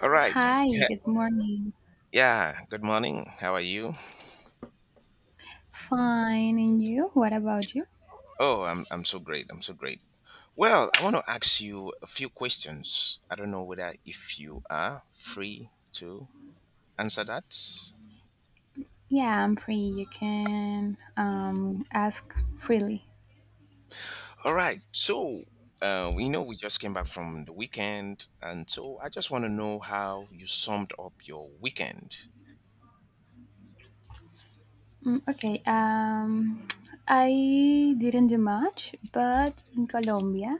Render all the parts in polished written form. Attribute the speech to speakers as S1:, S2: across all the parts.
S1: All right.
S2: Hi,
S1: Yeah.
S2: good morning.
S1: Yeah, Good morning. How are you?
S2: Fine, and you? What about you?
S1: Oh, I'm so great. I'm so great. Well, I want to ask you a few questions. I don't know whether if you are free to answer that.
S2: Yeah, I'm free. You can ask freely.
S1: All right. We know we just came back from the weekend, and so I just want to know how you summed up your weekend.
S2: Mm, okay, I didn't do much, but in Colombia,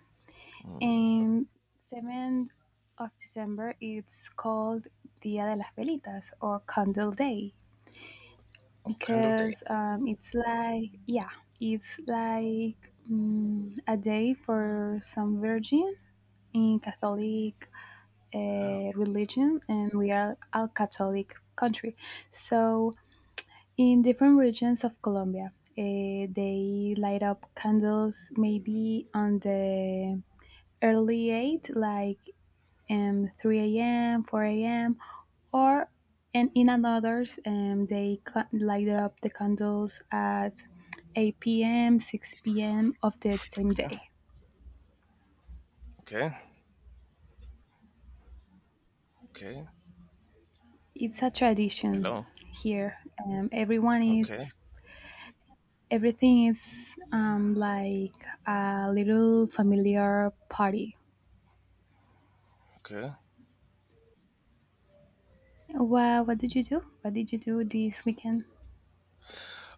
S1: Mm.
S2: in 7th of December, it's called Dia de las Velitas or Candle Day
S1: Oh, candle day.
S2: because it's like a day for some virgin in Catholic
S1: Ah.
S2: religion, and we are a Catholic country. So, in different regions of Colombia, they light up candles maybe on the early 8, like 3 a.m., 4 a.m., or and in others, light up the candles at 8 p.m., 6 p.m. of the same
S1: Okay.
S2: day.
S1: Okay. Okay.
S2: It's a tradition
S1: Hello.
S2: here. Everyone
S1: Okay.
S2: eats everything is like a little familiar party.
S1: Okay.
S2: What did you do? What did you do this weekend?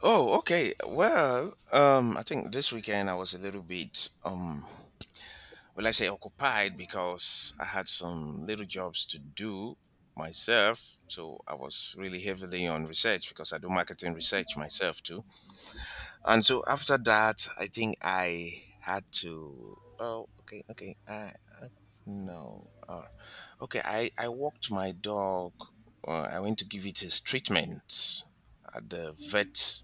S1: Oh, okay. I think this weekend I was a little bit, well, I say occupied because I had some little jobs to do myself. So I was really heavily on research because I do marketing research myself too. And so after that, I think I had to. Oh, okay, okay. I no. Okay, I walked my dog. I went to give it his treatment at the vet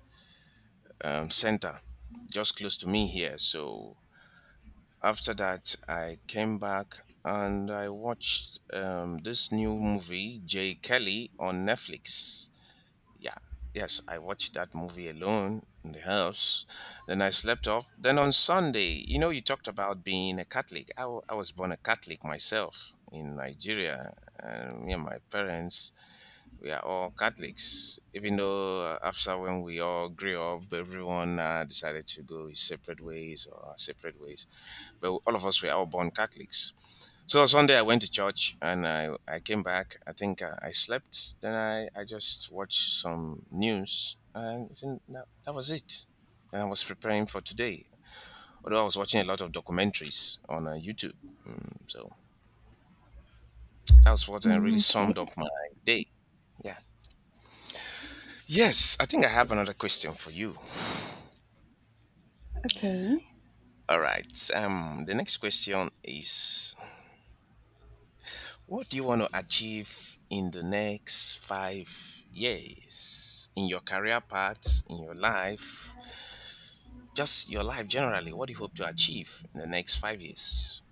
S1: center just close to me here. So after that, I came back and I watched this new movie, J. Kelly, on Netflix. Yeah. Yes, I watched that movie alone in the house. Then I slept off. Then on Sunday, you know, you talked about being a Catholic. I was born a Catholic myself in Nigeria. And me and my parents, we are all Catholics, even though after when we all grew up, everyone decided to go his separate ways or our separate ways. But all of us were all born Catholics. So Sunday I went to church and I came back. I think I slept. Then I just watched some news and then that was it. And I was preparing for today. Although I was watching a lot of documentaries on YouTube. Mm, so that was what really
S2: Mm,
S1: summed up
S2: okay,
S1: my day. Yeah. Yes, I think I have another question for you.
S2: okay.
S1: All right. The next question is what do you want to achieve in the next 5 years in your career path, in your life, just your life generally? What do you hope to achieve in the next 5 years?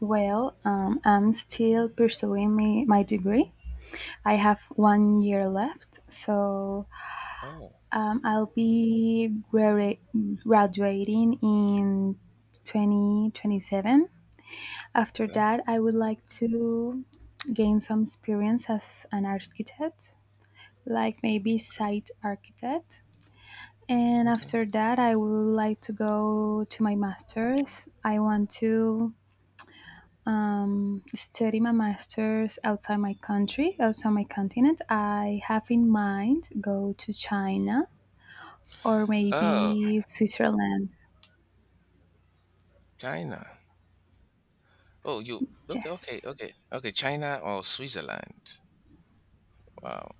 S2: Well, I'm still pursuing my degree. I have 1 year left, so
S1: Oh,
S2: I'll be graduating in 2027. After
S1: okay.
S2: that, I would like to gain some experience as an architect, like maybe site architect. And
S1: Okay.
S2: after that, I would like to go to my master's. I want to study my master's outside my country, outside my continent. I have in mind go to China or
S1: Oh,
S2: maybe Switzerland.
S1: China. Oh, you okay, okay,
S2: Yes,
S1: okay. Okay, China or Switzerland. Wow.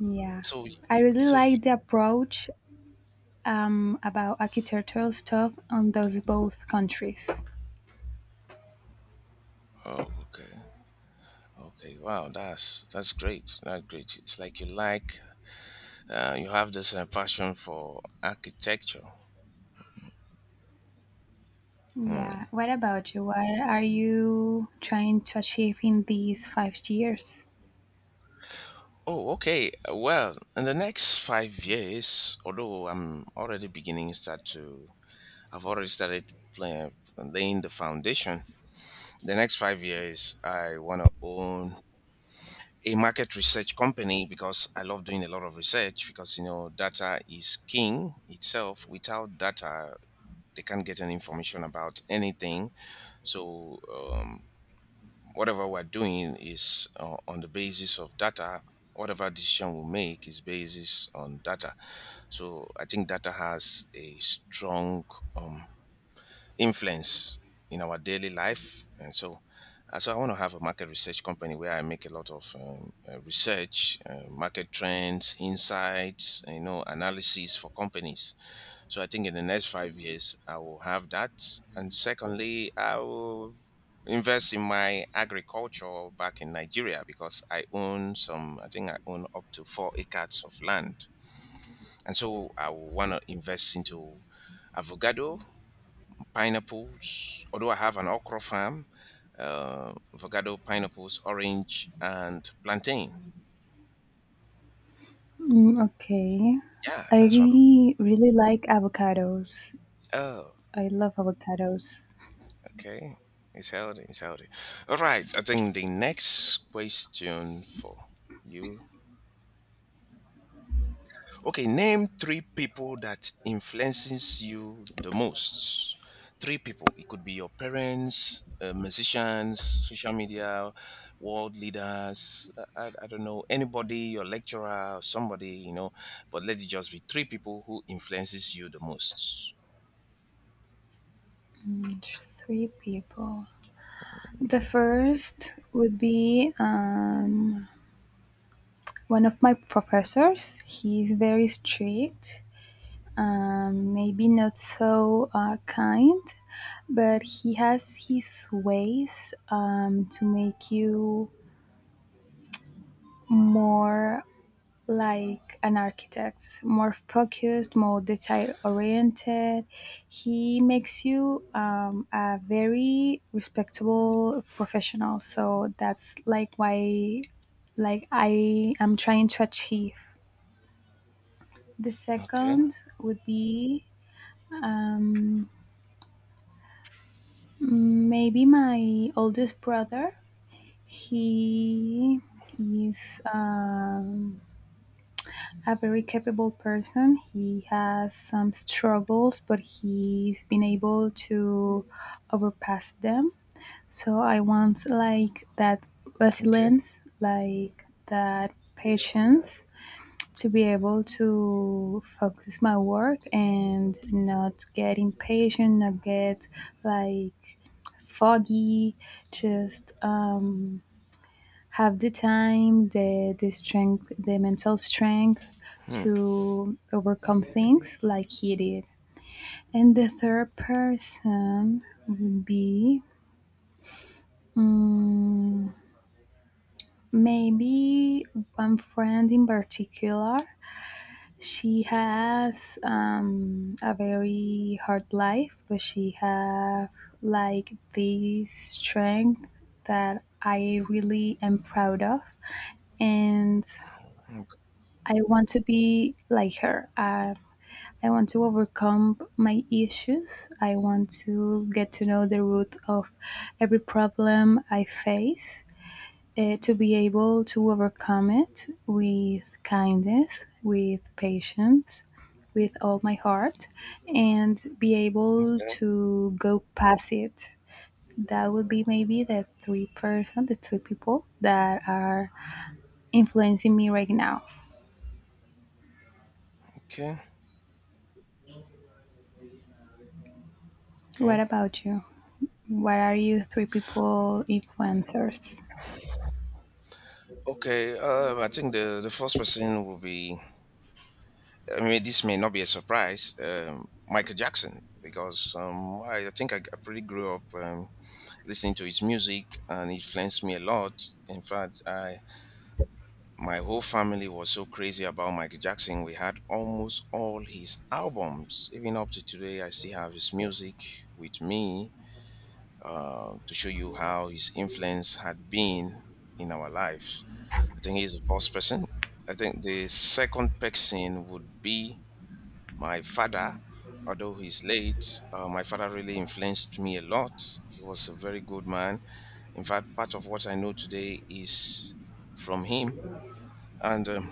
S2: yeah.
S1: So
S2: I really
S1: so you,
S2: like the approach about architectural stuff on those both countries.
S1: oh okay. Okay. Wow, that's great. That's great. It's like you you have this passion for architecture.
S2: Yeah.
S1: Hmm.
S2: What about you? What are you trying to achieve in these 5 years?
S1: Oh, okay. Well, in the next 5 years, although I've already started laying the foundation. The next 5 years, I want to own a market research company because I love doing a lot of research because you know data is king itself. Without data, they can't get any information about anything. So whatever we're doing is on the basis of data. Whatever decision we make is basis on data. So I think data has a strong um, influence in our daily life, and so. So I want to have a market research company where I make a lot of research, market trends, insights, you know, analysis for companies. So I think in the next 5 years, I will have that. And secondly, I will invest in my agriculture back in Nigeria because I own some, I think I own up to 4 acres of land. And so I will want to invest into avocado, pineapples, although I have an okra farm, avocado, pineapples, orange, and plantain.
S2: Mm, okay.
S1: Yeah,
S2: I
S1: that's one.
S2: really really like avocados.
S1: Oh.
S2: I love avocados.
S1: Okay, it's healthy. It's healthy. All right. I think the next question for you. Okay, name three people that influences you the most. Three people. It could be your parents, musicians, social media, world leaders. I don't know anybody, your lecturer, somebody you know. But let's just be three people who influences you the most.
S2: Mm, three people. The first would be one of my professors. He's very strict, maybe not so kind, but he has his ways to make you more like an architect, more focused, more detail oriented. He makes you a very respectable professional. So that's like why, like I am trying to achieve. The
S1: Okay.
S2: second would be um, maybe my oldest brother. He is. A very capable person. He has some struggles, but he's been able to overpass them. So I want like that
S1: Okay.
S2: resilience, like that patience to be able to focus my work and not get impatient, not get like foggy, just have the time, the strength, the mental strength
S1: Hmm.
S2: to overcome things like he did. And the third person would be mm, maybe one friend in particular. She has a very hard life, but she have like this strength that I really am proud of. And I want to be like her. I want to overcome my issues. I want to get to know the root of every problem I face, to be able to overcome it with kindness, with patience, with all my heart, and be able
S1: Okay.
S2: to go past it. That would be maybe the three person, the three people that are influencing me right now.
S1: Okay.
S2: What
S1: Okay.
S2: about you? What are you three people influencers?
S1: Okay, I think the first person will be, I mean, this may not be a surprise, Michael Jackson, because I think I pretty grew up listening to his music and it influenced me a lot. In fact, I My whole family was so crazy about Michael Jackson. We had almost all his albums. Even up to today, I still have his music with me to show you how his influence had been in our lives. I think he's the first person. I think the second person would be my father. Although he's late, my father really influenced me a lot. He was a very good man. In fact, part of what I know today is from him. And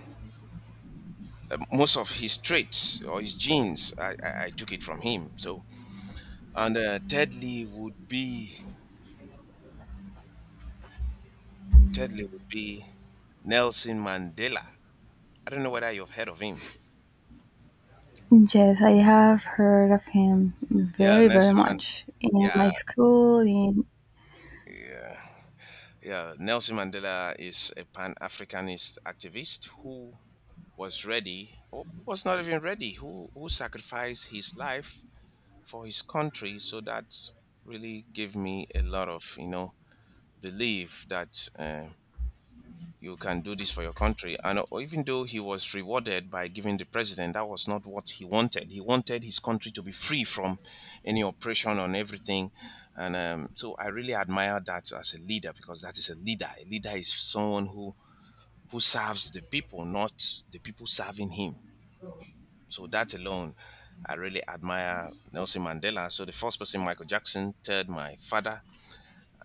S1: Most of his traits or his genes, I took it from him. So, and thirdly would be Nelson Mandela. I don't know whether you've heard of him.
S2: Yes, I have heard of him
S1: Yeah,
S2: very, very
S1: Nelson Mandela.
S2: much in
S1: Yeah,
S2: my school. In
S1: yeah. Yeah, Nelson Mandela is a pan Africanist activist who was not even ready, who sacrificed his life for his country. So that really gave me a lot of, you know, belief that you can do this for your country. And even though he was rewarded by giving the president, that was not what he wanted. He wanted his country to be free from any oppression on everything. And so I really admire that as a leader because that is a leader. A leader is someone who serves the people, not the people serving him. So that alone, I really admire Nelson Mandela. So the first person, Michael Jackson. Third, my father,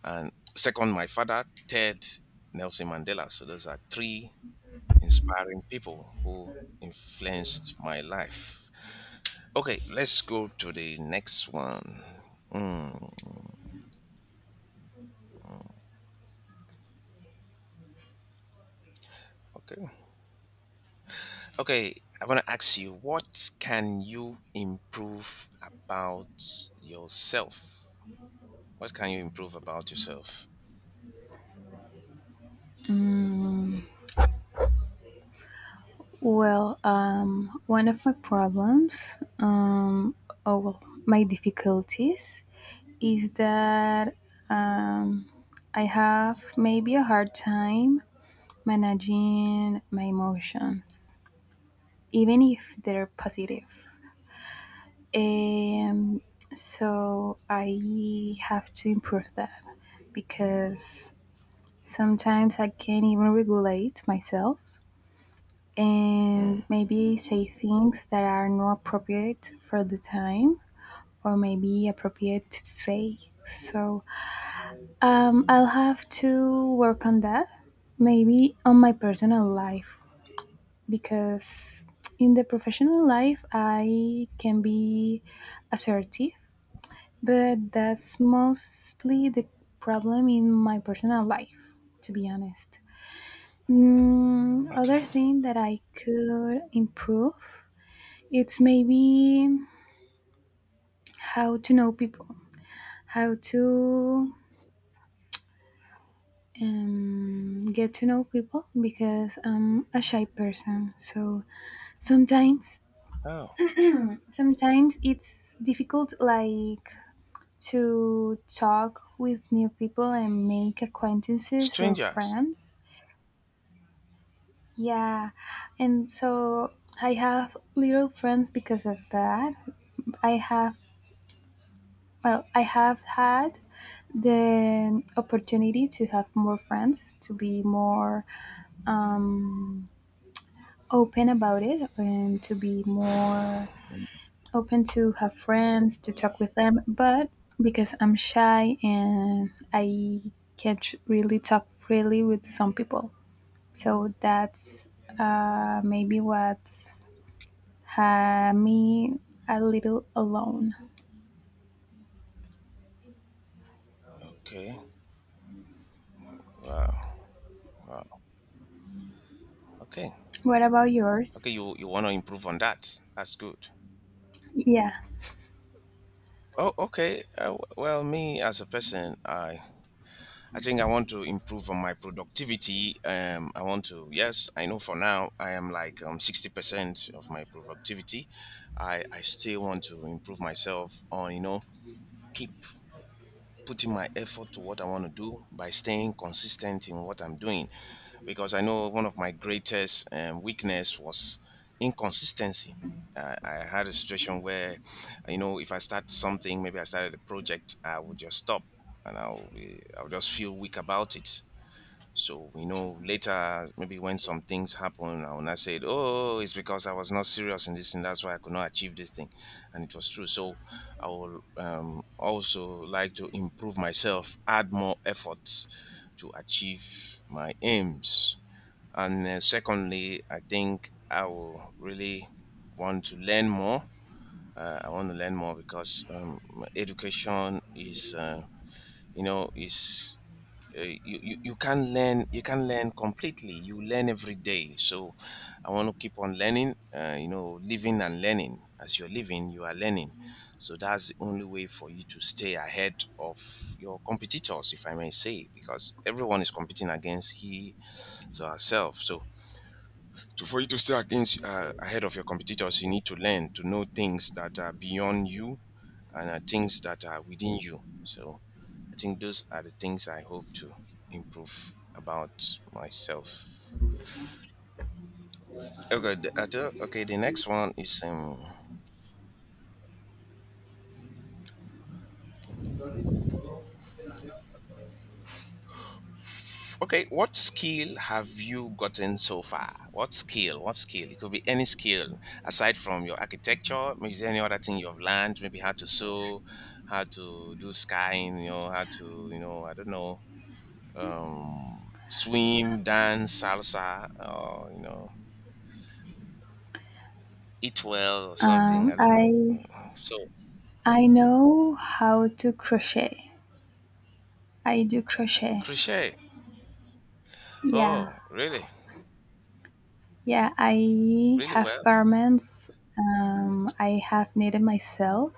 S1: and second, my father. Third, Nelson Mandela. So those are three inspiring people who influenced my life. Okay, let's go to the next one. Mm, okay. Okay, I want to ask you what can you improve about yourself? What can you improve about yourself?
S2: Mm, well, one of my problems, oh well, my difficulties is that um, I have maybe a hard time managing my emotions, even if they're positive. Um, so I have to improve that because sometimes I can't even regulate myself
S1: Mm,
S2: and maybe say things that are not appropriate for the time, or maybe appropriate to say. So I'll have to work on that, maybe on my personal life, because in the professional life I can be assertive. But that's mostly the problem in my personal life, to be honest. Other
S1: okay.
S2: thing that I could improve, it's maybe how to know people, how to get to know people because I'm a shy person. So sometimes,
S1: Oh,
S2: sometimes it's difficult, like to talk with new people and make acquaintances or
S1: strangers.
S2: friends. Yeah, and so I have little friends because of that. I have, well, I have had the opportunity to have more friends, to be more um, open about it, and to be more open to have friends, to talk with them. But because I'm shy and I can't really talk freely with some people, so that's maybe what had me a little alone.
S1: Okay. Wow. Okay.
S2: What about
S1: Okay,
S2: yours?
S1: you want to improve on that. That's good.
S2: Yeah,
S1: Oh, okay. Well, me as a person, I think I want to improve on my productivity. I want to, yes, I know for now I am like 60% of my productivity. I still want to improve myself on, you know, keep putting my effort to what I want to do by staying consistent in what I'm doing. Because I know one of my greatest weakness was inconsistency. I had a situation where, you know, if I start something, maybe I started a project, I would just stop and I'll just feel weak about it. So, you know, later, maybe when some things happen, and I said, oh, it's because I was not serious in this thing. That's why I could not achieve this thing. And it was true. So I will also like to improve myself, add more efforts to achieve my aims. And secondly, I think I will really want to learn more. I want to learn more because education is, you you can learn completely you learn every day, so I want to keep on learning, you know, living and learning. As you're living you are learning, so that's the only way for you to stay ahead of your competitors, if I may say, because everyone is competing against he or herself. So for you to stay against ahead of your competitors you need to learn to know things that are beyond you and are things that are within you. So I think those are the things I hope to improve about myself. Okay, the, I thought- okay. The next one is. Okay, what skill have you gotten so far? What skill? What skill? It could be any skill aside from your architecture. Maybe is there any other thing you've learned? Maybe how to sew, how to do skying. You know how to, you know, I don't know, swim, dance, salsa. Or you know eat well or something.
S2: um,
S1: I don't know.
S2: I
S1: Mm. So
S2: I know how to crochet. I do crochet.
S1: crochet.
S2: Yeah,
S1: Oh, really?
S2: yeah. I
S1: Really
S2: have
S1: well?
S2: garments. I have knitted myself,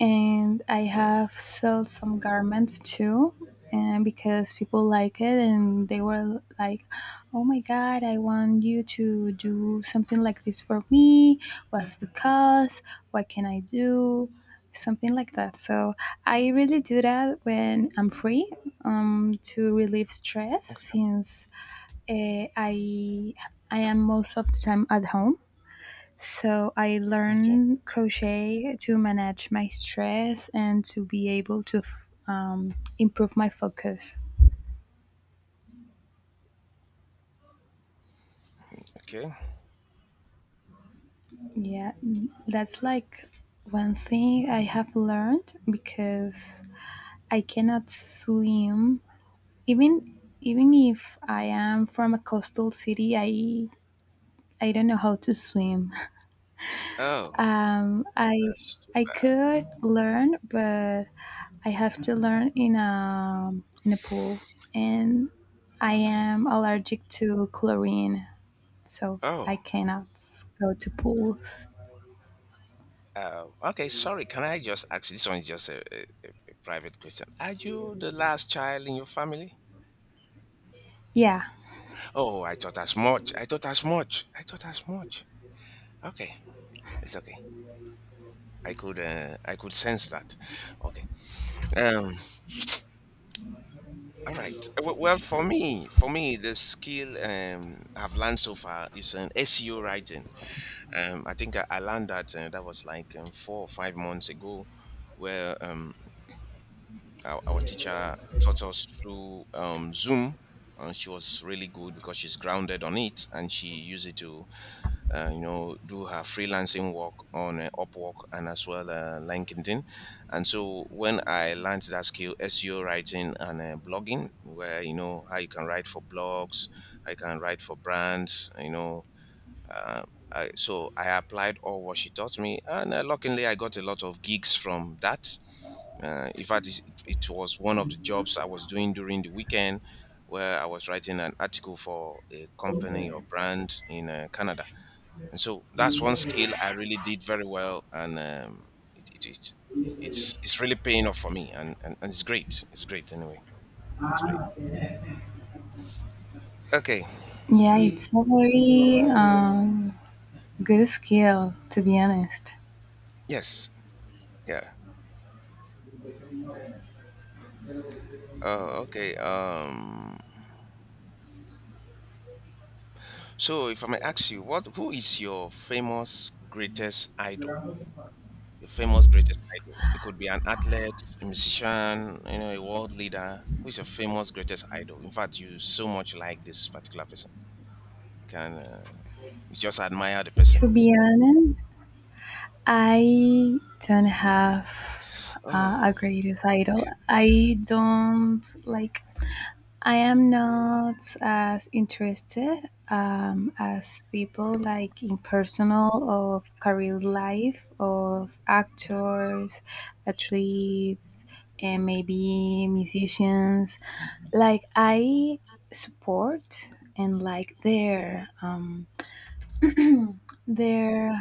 S2: and I
S1: Mm,
S2: have sold some garments too, and because people like it, and they were like, "Oh my God, I want you to do something like this for me. What's the cost? What can I do?" Something like that. So I really do that when I'm free to relieve stress,
S1: okay.
S2: since uh, I I am most of the time at home, so I
S1: Okay.
S2: learned crochet to manage my stress and to be able to improve my focus.
S1: Okay.
S2: Yeah, that's like one thing I have learned because I cannot swim. Even if I am from a coastal city, I don't know how to swim.
S1: Oh,
S2: Um, I
S1: that's
S2: I
S1: stupid.
S2: could learn, but I have to learn in a pool, and I
S1: Okay.
S2: am allergic to chlorine, so
S1: Oh.
S2: I cannot go to pools.
S1: Okay, sorry. Can I just ask? This one is just a, a private question. Are you the last child in your family?
S2: Yeah,
S1: Oh, I thought as much. I thought as much. I thought as much. Okay, it's okay. I could sense that. Okay. Um. All right. Well, for me, the skill I've learned so far is an SEO writing. I think I learned that that was like 4 or 5 months ago, where our teacher taught us through Zoom, and she was really good because she's grounded on it and she used it to you know, do her freelancing work on Upwork and as well LinkedIn. And so when I learned that skill, SEO writing and blogging, where, you know, how you can write for blogs, I can write for brands, uh, so I applied all what she taught me, and luckily I got a lot of gigs from that. In fact, it was one of the jobs I was doing during the weekend, where I was writing an article for a company or brand in Canada. And so that's one skill I really did very well, and it, it, it it's really paying off for me, and it's great. It's great anyway. It's great. Okay.
S2: yeah. Mm. It's a very good skill, to be honest.
S1: Yes. Yeah. Uh, okay. Um. So if I may ask you, what who is your famous greatest idol? Your famous greatest idol. It could be an athlete, a musician, you know, a world leader. Who is your famous greatest idol? In fact, you so much like this particular person. You can you just admire the
S2: To
S1: person.
S2: be honest, I don't have a
S1: Oh,
S2: greatest idol. I don't like I am not as interested as people like in personal of career life of actors, athletes, and maybe musicians. Like I support and like
S1: okay.
S2: their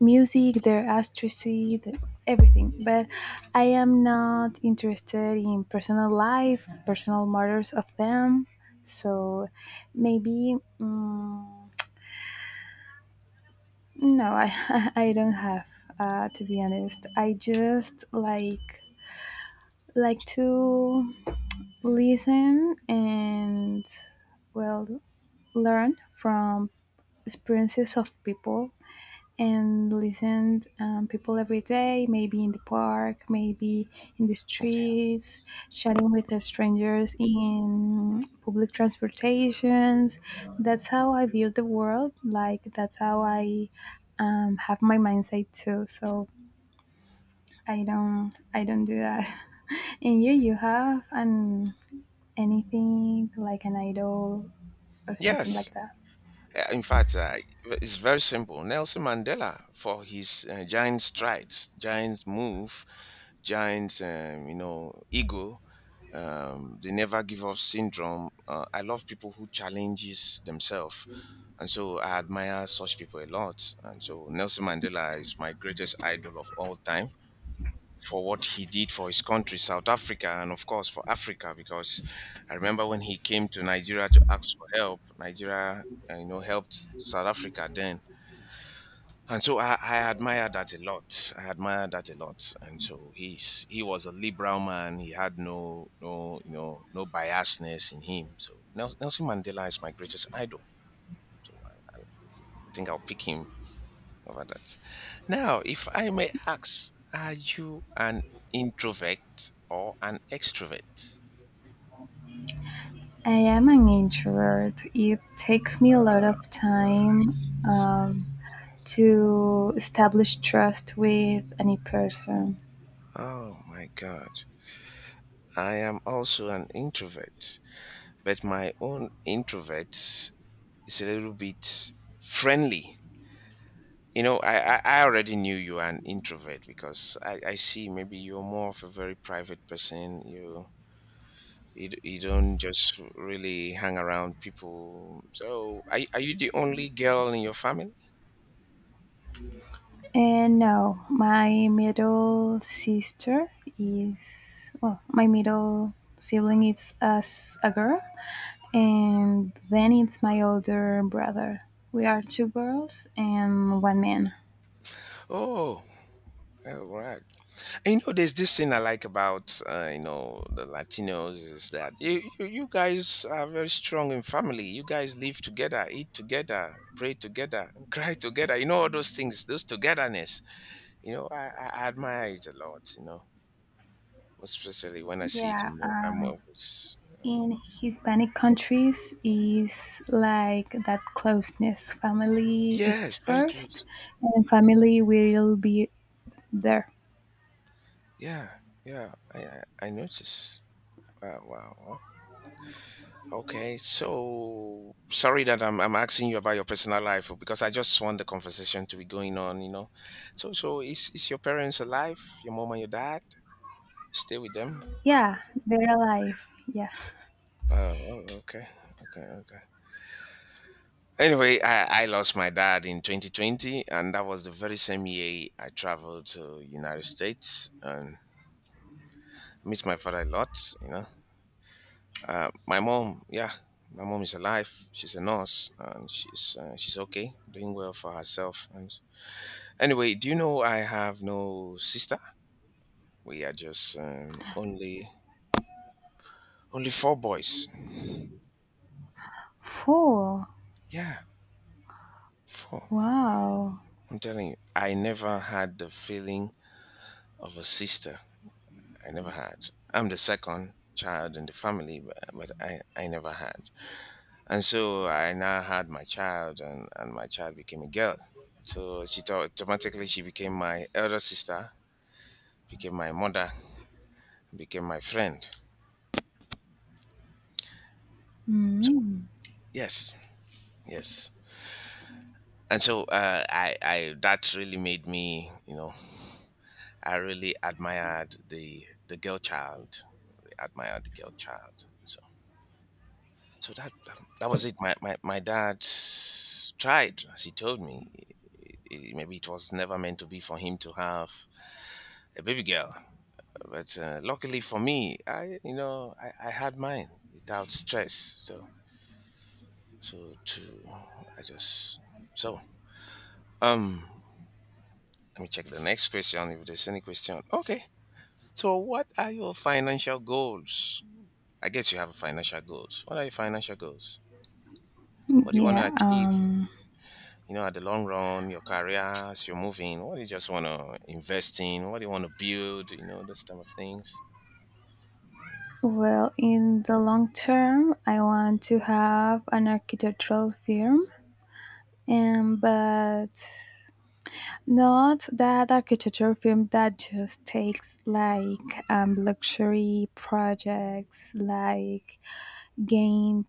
S2: music, their astricity, everything. But I am not interested in personal life, personal matters of them. So maybe no, I I don't have. To be honest, I just like to listen and well learn from experiences of people and listen people every day, maybe in the park, maybe in the
S1: Okay.
S2: streets, chatting with the strangers in public transportations. That's how I view the world, like that's how I have my mindset too. So I don't do that and you have an anything like an idol or something
S1: Yes.
S2: like that.
S1: In fact, it's very simple. Nelson Mandela, for his giant strides, giant move, giant, you know, ego, the never give up syndrome. I love people who challenges themselves, and so I admire such people a lot. And so Nelson Mandela is my greatest idol of all time, for what he did for his country, South Africa, and of course for Africa, because I remember when he came to Nigeria to ask for help. Nigeria, you know, helped South Africa then. And so I admire that a lot. I admire that a lot. And so he was a liberal man. He had no, you know, no biasness in him. So Nelson Mandela is my greatest idol. So I think I'll pick him over that. Now, if I may ask, are you an introvert or an extrovert?
S2: I am an introvert. It takes me a lot of time um, to establish trust with any person.
S1: Oh my God. I am also an introvert, but my own introvert is a little bit friendly. You know, I already knew you are an introvert because I see maybe you're more of a very private person. You don't just really hang around people. So, are you the only girl in your family?
S2: And no, my middle sister is, well, my middle sibling is as a girl, and then it's my older brother. We are two girls and one man.
S1: Oh, all right. And, you know, there's this thing I like about you know, the Latinos, is that you guys are very strong in family. You guys live together, eat together, pray together, and cry together. You know, all those things, those togetherness. You know, I admire it a lot. You know, especially when I see it
S2: Yeah,
S1: in I'm always
S2: in Hispanic countries is like that closeness. Family is
S1: yes, very
S2: first,
S1: close.
S2: and family will be there.
S1: Yeah, yeah, I notice. Wow, wow. Okay, so sorry that I'm asking you about your personal life because I just want the conversation to be going on, you know. So is your parents alive? Your mom and your dad? You stay with them?
S2: Yeah, they're alive. Yeah.
S1: Oh, okay, okay, okay. Anyway, I lost my dad in 2020, and that was the very same year I traveled to United States, and I miss my father a lot, you know. My mom, yeah, my mom is alive. She's a nurse and she's okay, doing well for herself. And anyway, do you know I have no sister? We are just only four boys.
S2: Four.
S1: Yeah, four.
S2: Wow.
S1: I'm telling you, I never had the feeling of a sister. I never had. I'm the second child in the family, but, I never had. And so I now had my child, and my child became a girl. So automatically she became my elder sister, became my mother, became my friend.
S2: Mm.
S1: Yes, yes. And so I that really made me, you know, I really admired the girl child, really admired the girl child. So so that was it. My dad tried, as he told me, maybe it was never meant to be for him to have a baby girl, but luckily for me, I, you know, I had mine without stress. So so to I just so um Let me check the next question if there's any question. Okay. So what are your financial goals? I guess you have financial goals. What are your financial goals? What do you want to
S2: Yeah.
S1: achieve? You know, at the long run, your career, as you're moving, what do you just want to invest in? What do you want to build? You know, those type of things.
S2: Well, in the long term, I want to have an architectural firm. And but not that architecture film that just takes like luxury projects, like game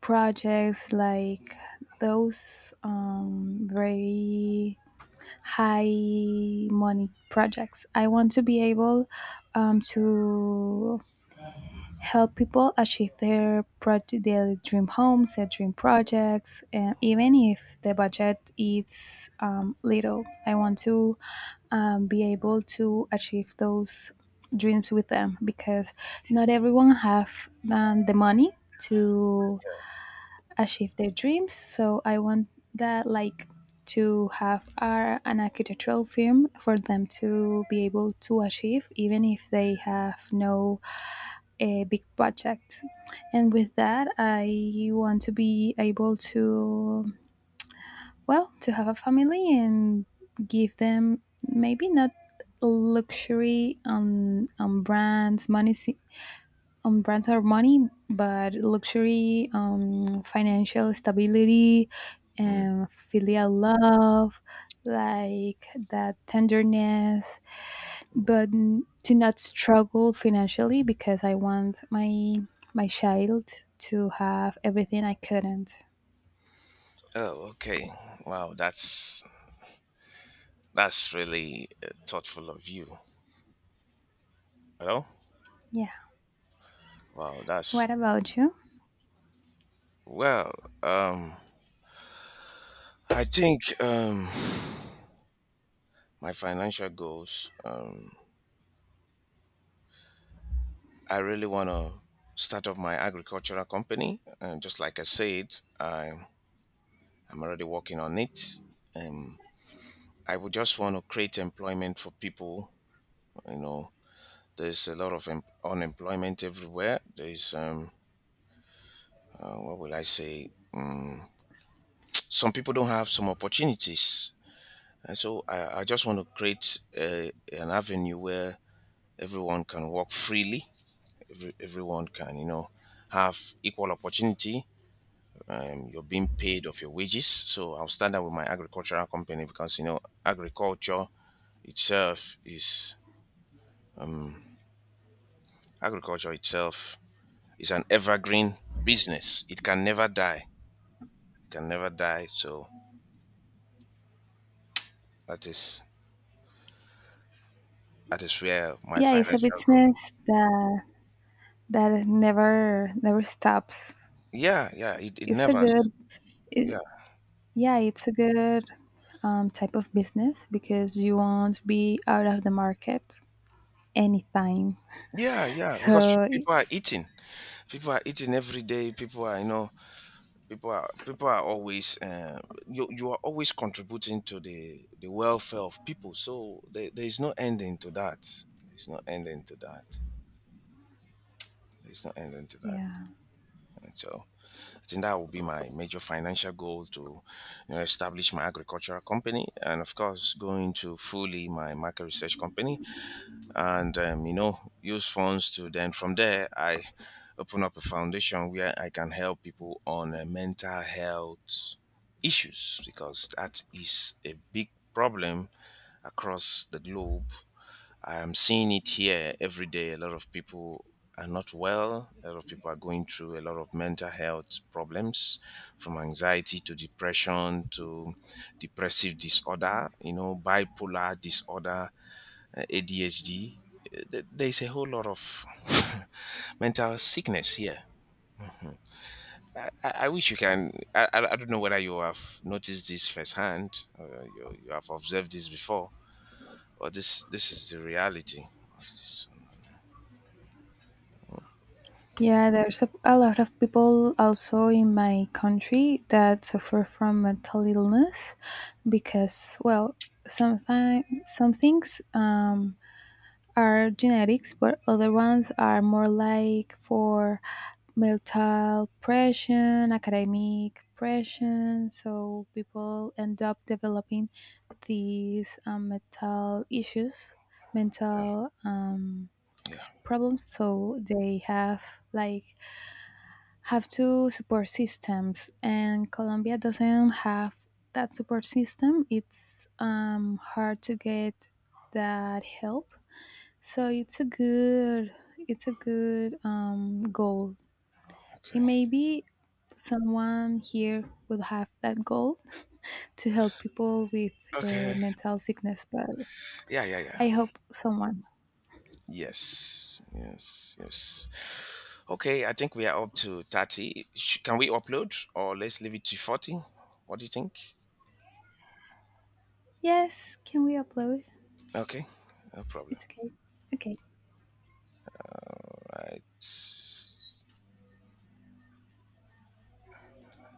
S2: projects, like those very high money projects. I want to be able to help people achieve their project, their dream homes, their dream projects, and even if the budget is little, I want to be able to achieve those dreams with them, because not everyone have the money to achieve their dreams. So I want that, like, to have an architectural firm for them to be able to achieve even if they have no a big project. And with that, I want to be able to, well, to have a family and give them maybe not luxury on brands, on brands or money, but luxury, financial stability,
S1: Mm.
S2: and filial love, like that tenderness, but to not struggle financially because I want my child to have everything I couldn't.
S1: Oh, okay. Wow, that's really thoughtful of you. You know?
S2: Yeah.
S1: Wow, that's
S2: What about you?
S1: well. Um, I think my financial goals. I really want to start up my agricultural company, and just like I said, I I'm already working on it. Um, I would just want to create employment for people. You know, there's a lot of unemployment everywhere. There's what will I say? Some people don't have some opportunities. And so I just want to create an avenue where everyone can work freely. Everyone can, you know, have equal opportunity. You're being paid of your wages. So I'll stand up with my agricultural company because, you know, agriculture itself is, um, agriculture itself is an evergreen business. It can never die. It can never die. So that is, that is where my
S2: Yeah, it's a
S1: financial goal.
S2: business that never never stops.
S1: Yeah. Yeah. It
S2: It's a
S1: never.
S2: good it,
S1: Yeah.
S2: yeah, it's a good type of business because you won't be out of the market anytime.
S1: Yeah, yeah, because
S2: So
S1: people are eating. People are eating every day. People are, you know, people are always you are always contributing to the welfare of people. So there is no ending to that. There's no ending to that. There's no ending to that.
S2: yeah.
S1: And so I think that will be my major financial goal to, you know, establish my agricultural company and of course going to fully my market research company and you know, use funds to then from there I open up a foundation where I can help people on mental health issues because that is a big problem across the globe. I am seeing it here every day. A lot of people are not well. A lot of people are going through a lot of mental health problems, from anxiety to depression to depressive disorder, you know, bipolar disorder, ADHD. Uh, There's a whole lot of mental sickness here. I wish you can. I don't know whether you have noticed this firsthand, or you have observed this before, or this is the reality of this.
S2: Yeah, there's a lot of people also in my country that suffer from mental illness because, well, sometimes some things are genetics, but other ones are more like for mental pressure, academic pressure. So people end up developing these mental issues,
S1: Yeah,
S2: mental
S1: yeah,
S2: problems. So they have two support systems, and Colombia doesn't have that support system. It's hard to get that help. So it's a good goal. It
S1: okay,
S2: may be someone here will have that goal to help people with
S1: okay,
S2: mental sickness. But
S1: yeah, yeah, yeah.
S2: I hope someone.
S1: Yes, yes, yes. Okay, I think we are up to 30. Can we upload, or let's leave it to 40? What do you think?
S2: Yes, can we upload?
S1: Okay, no problem.
S2: It's okay. Okay.
S1: Right.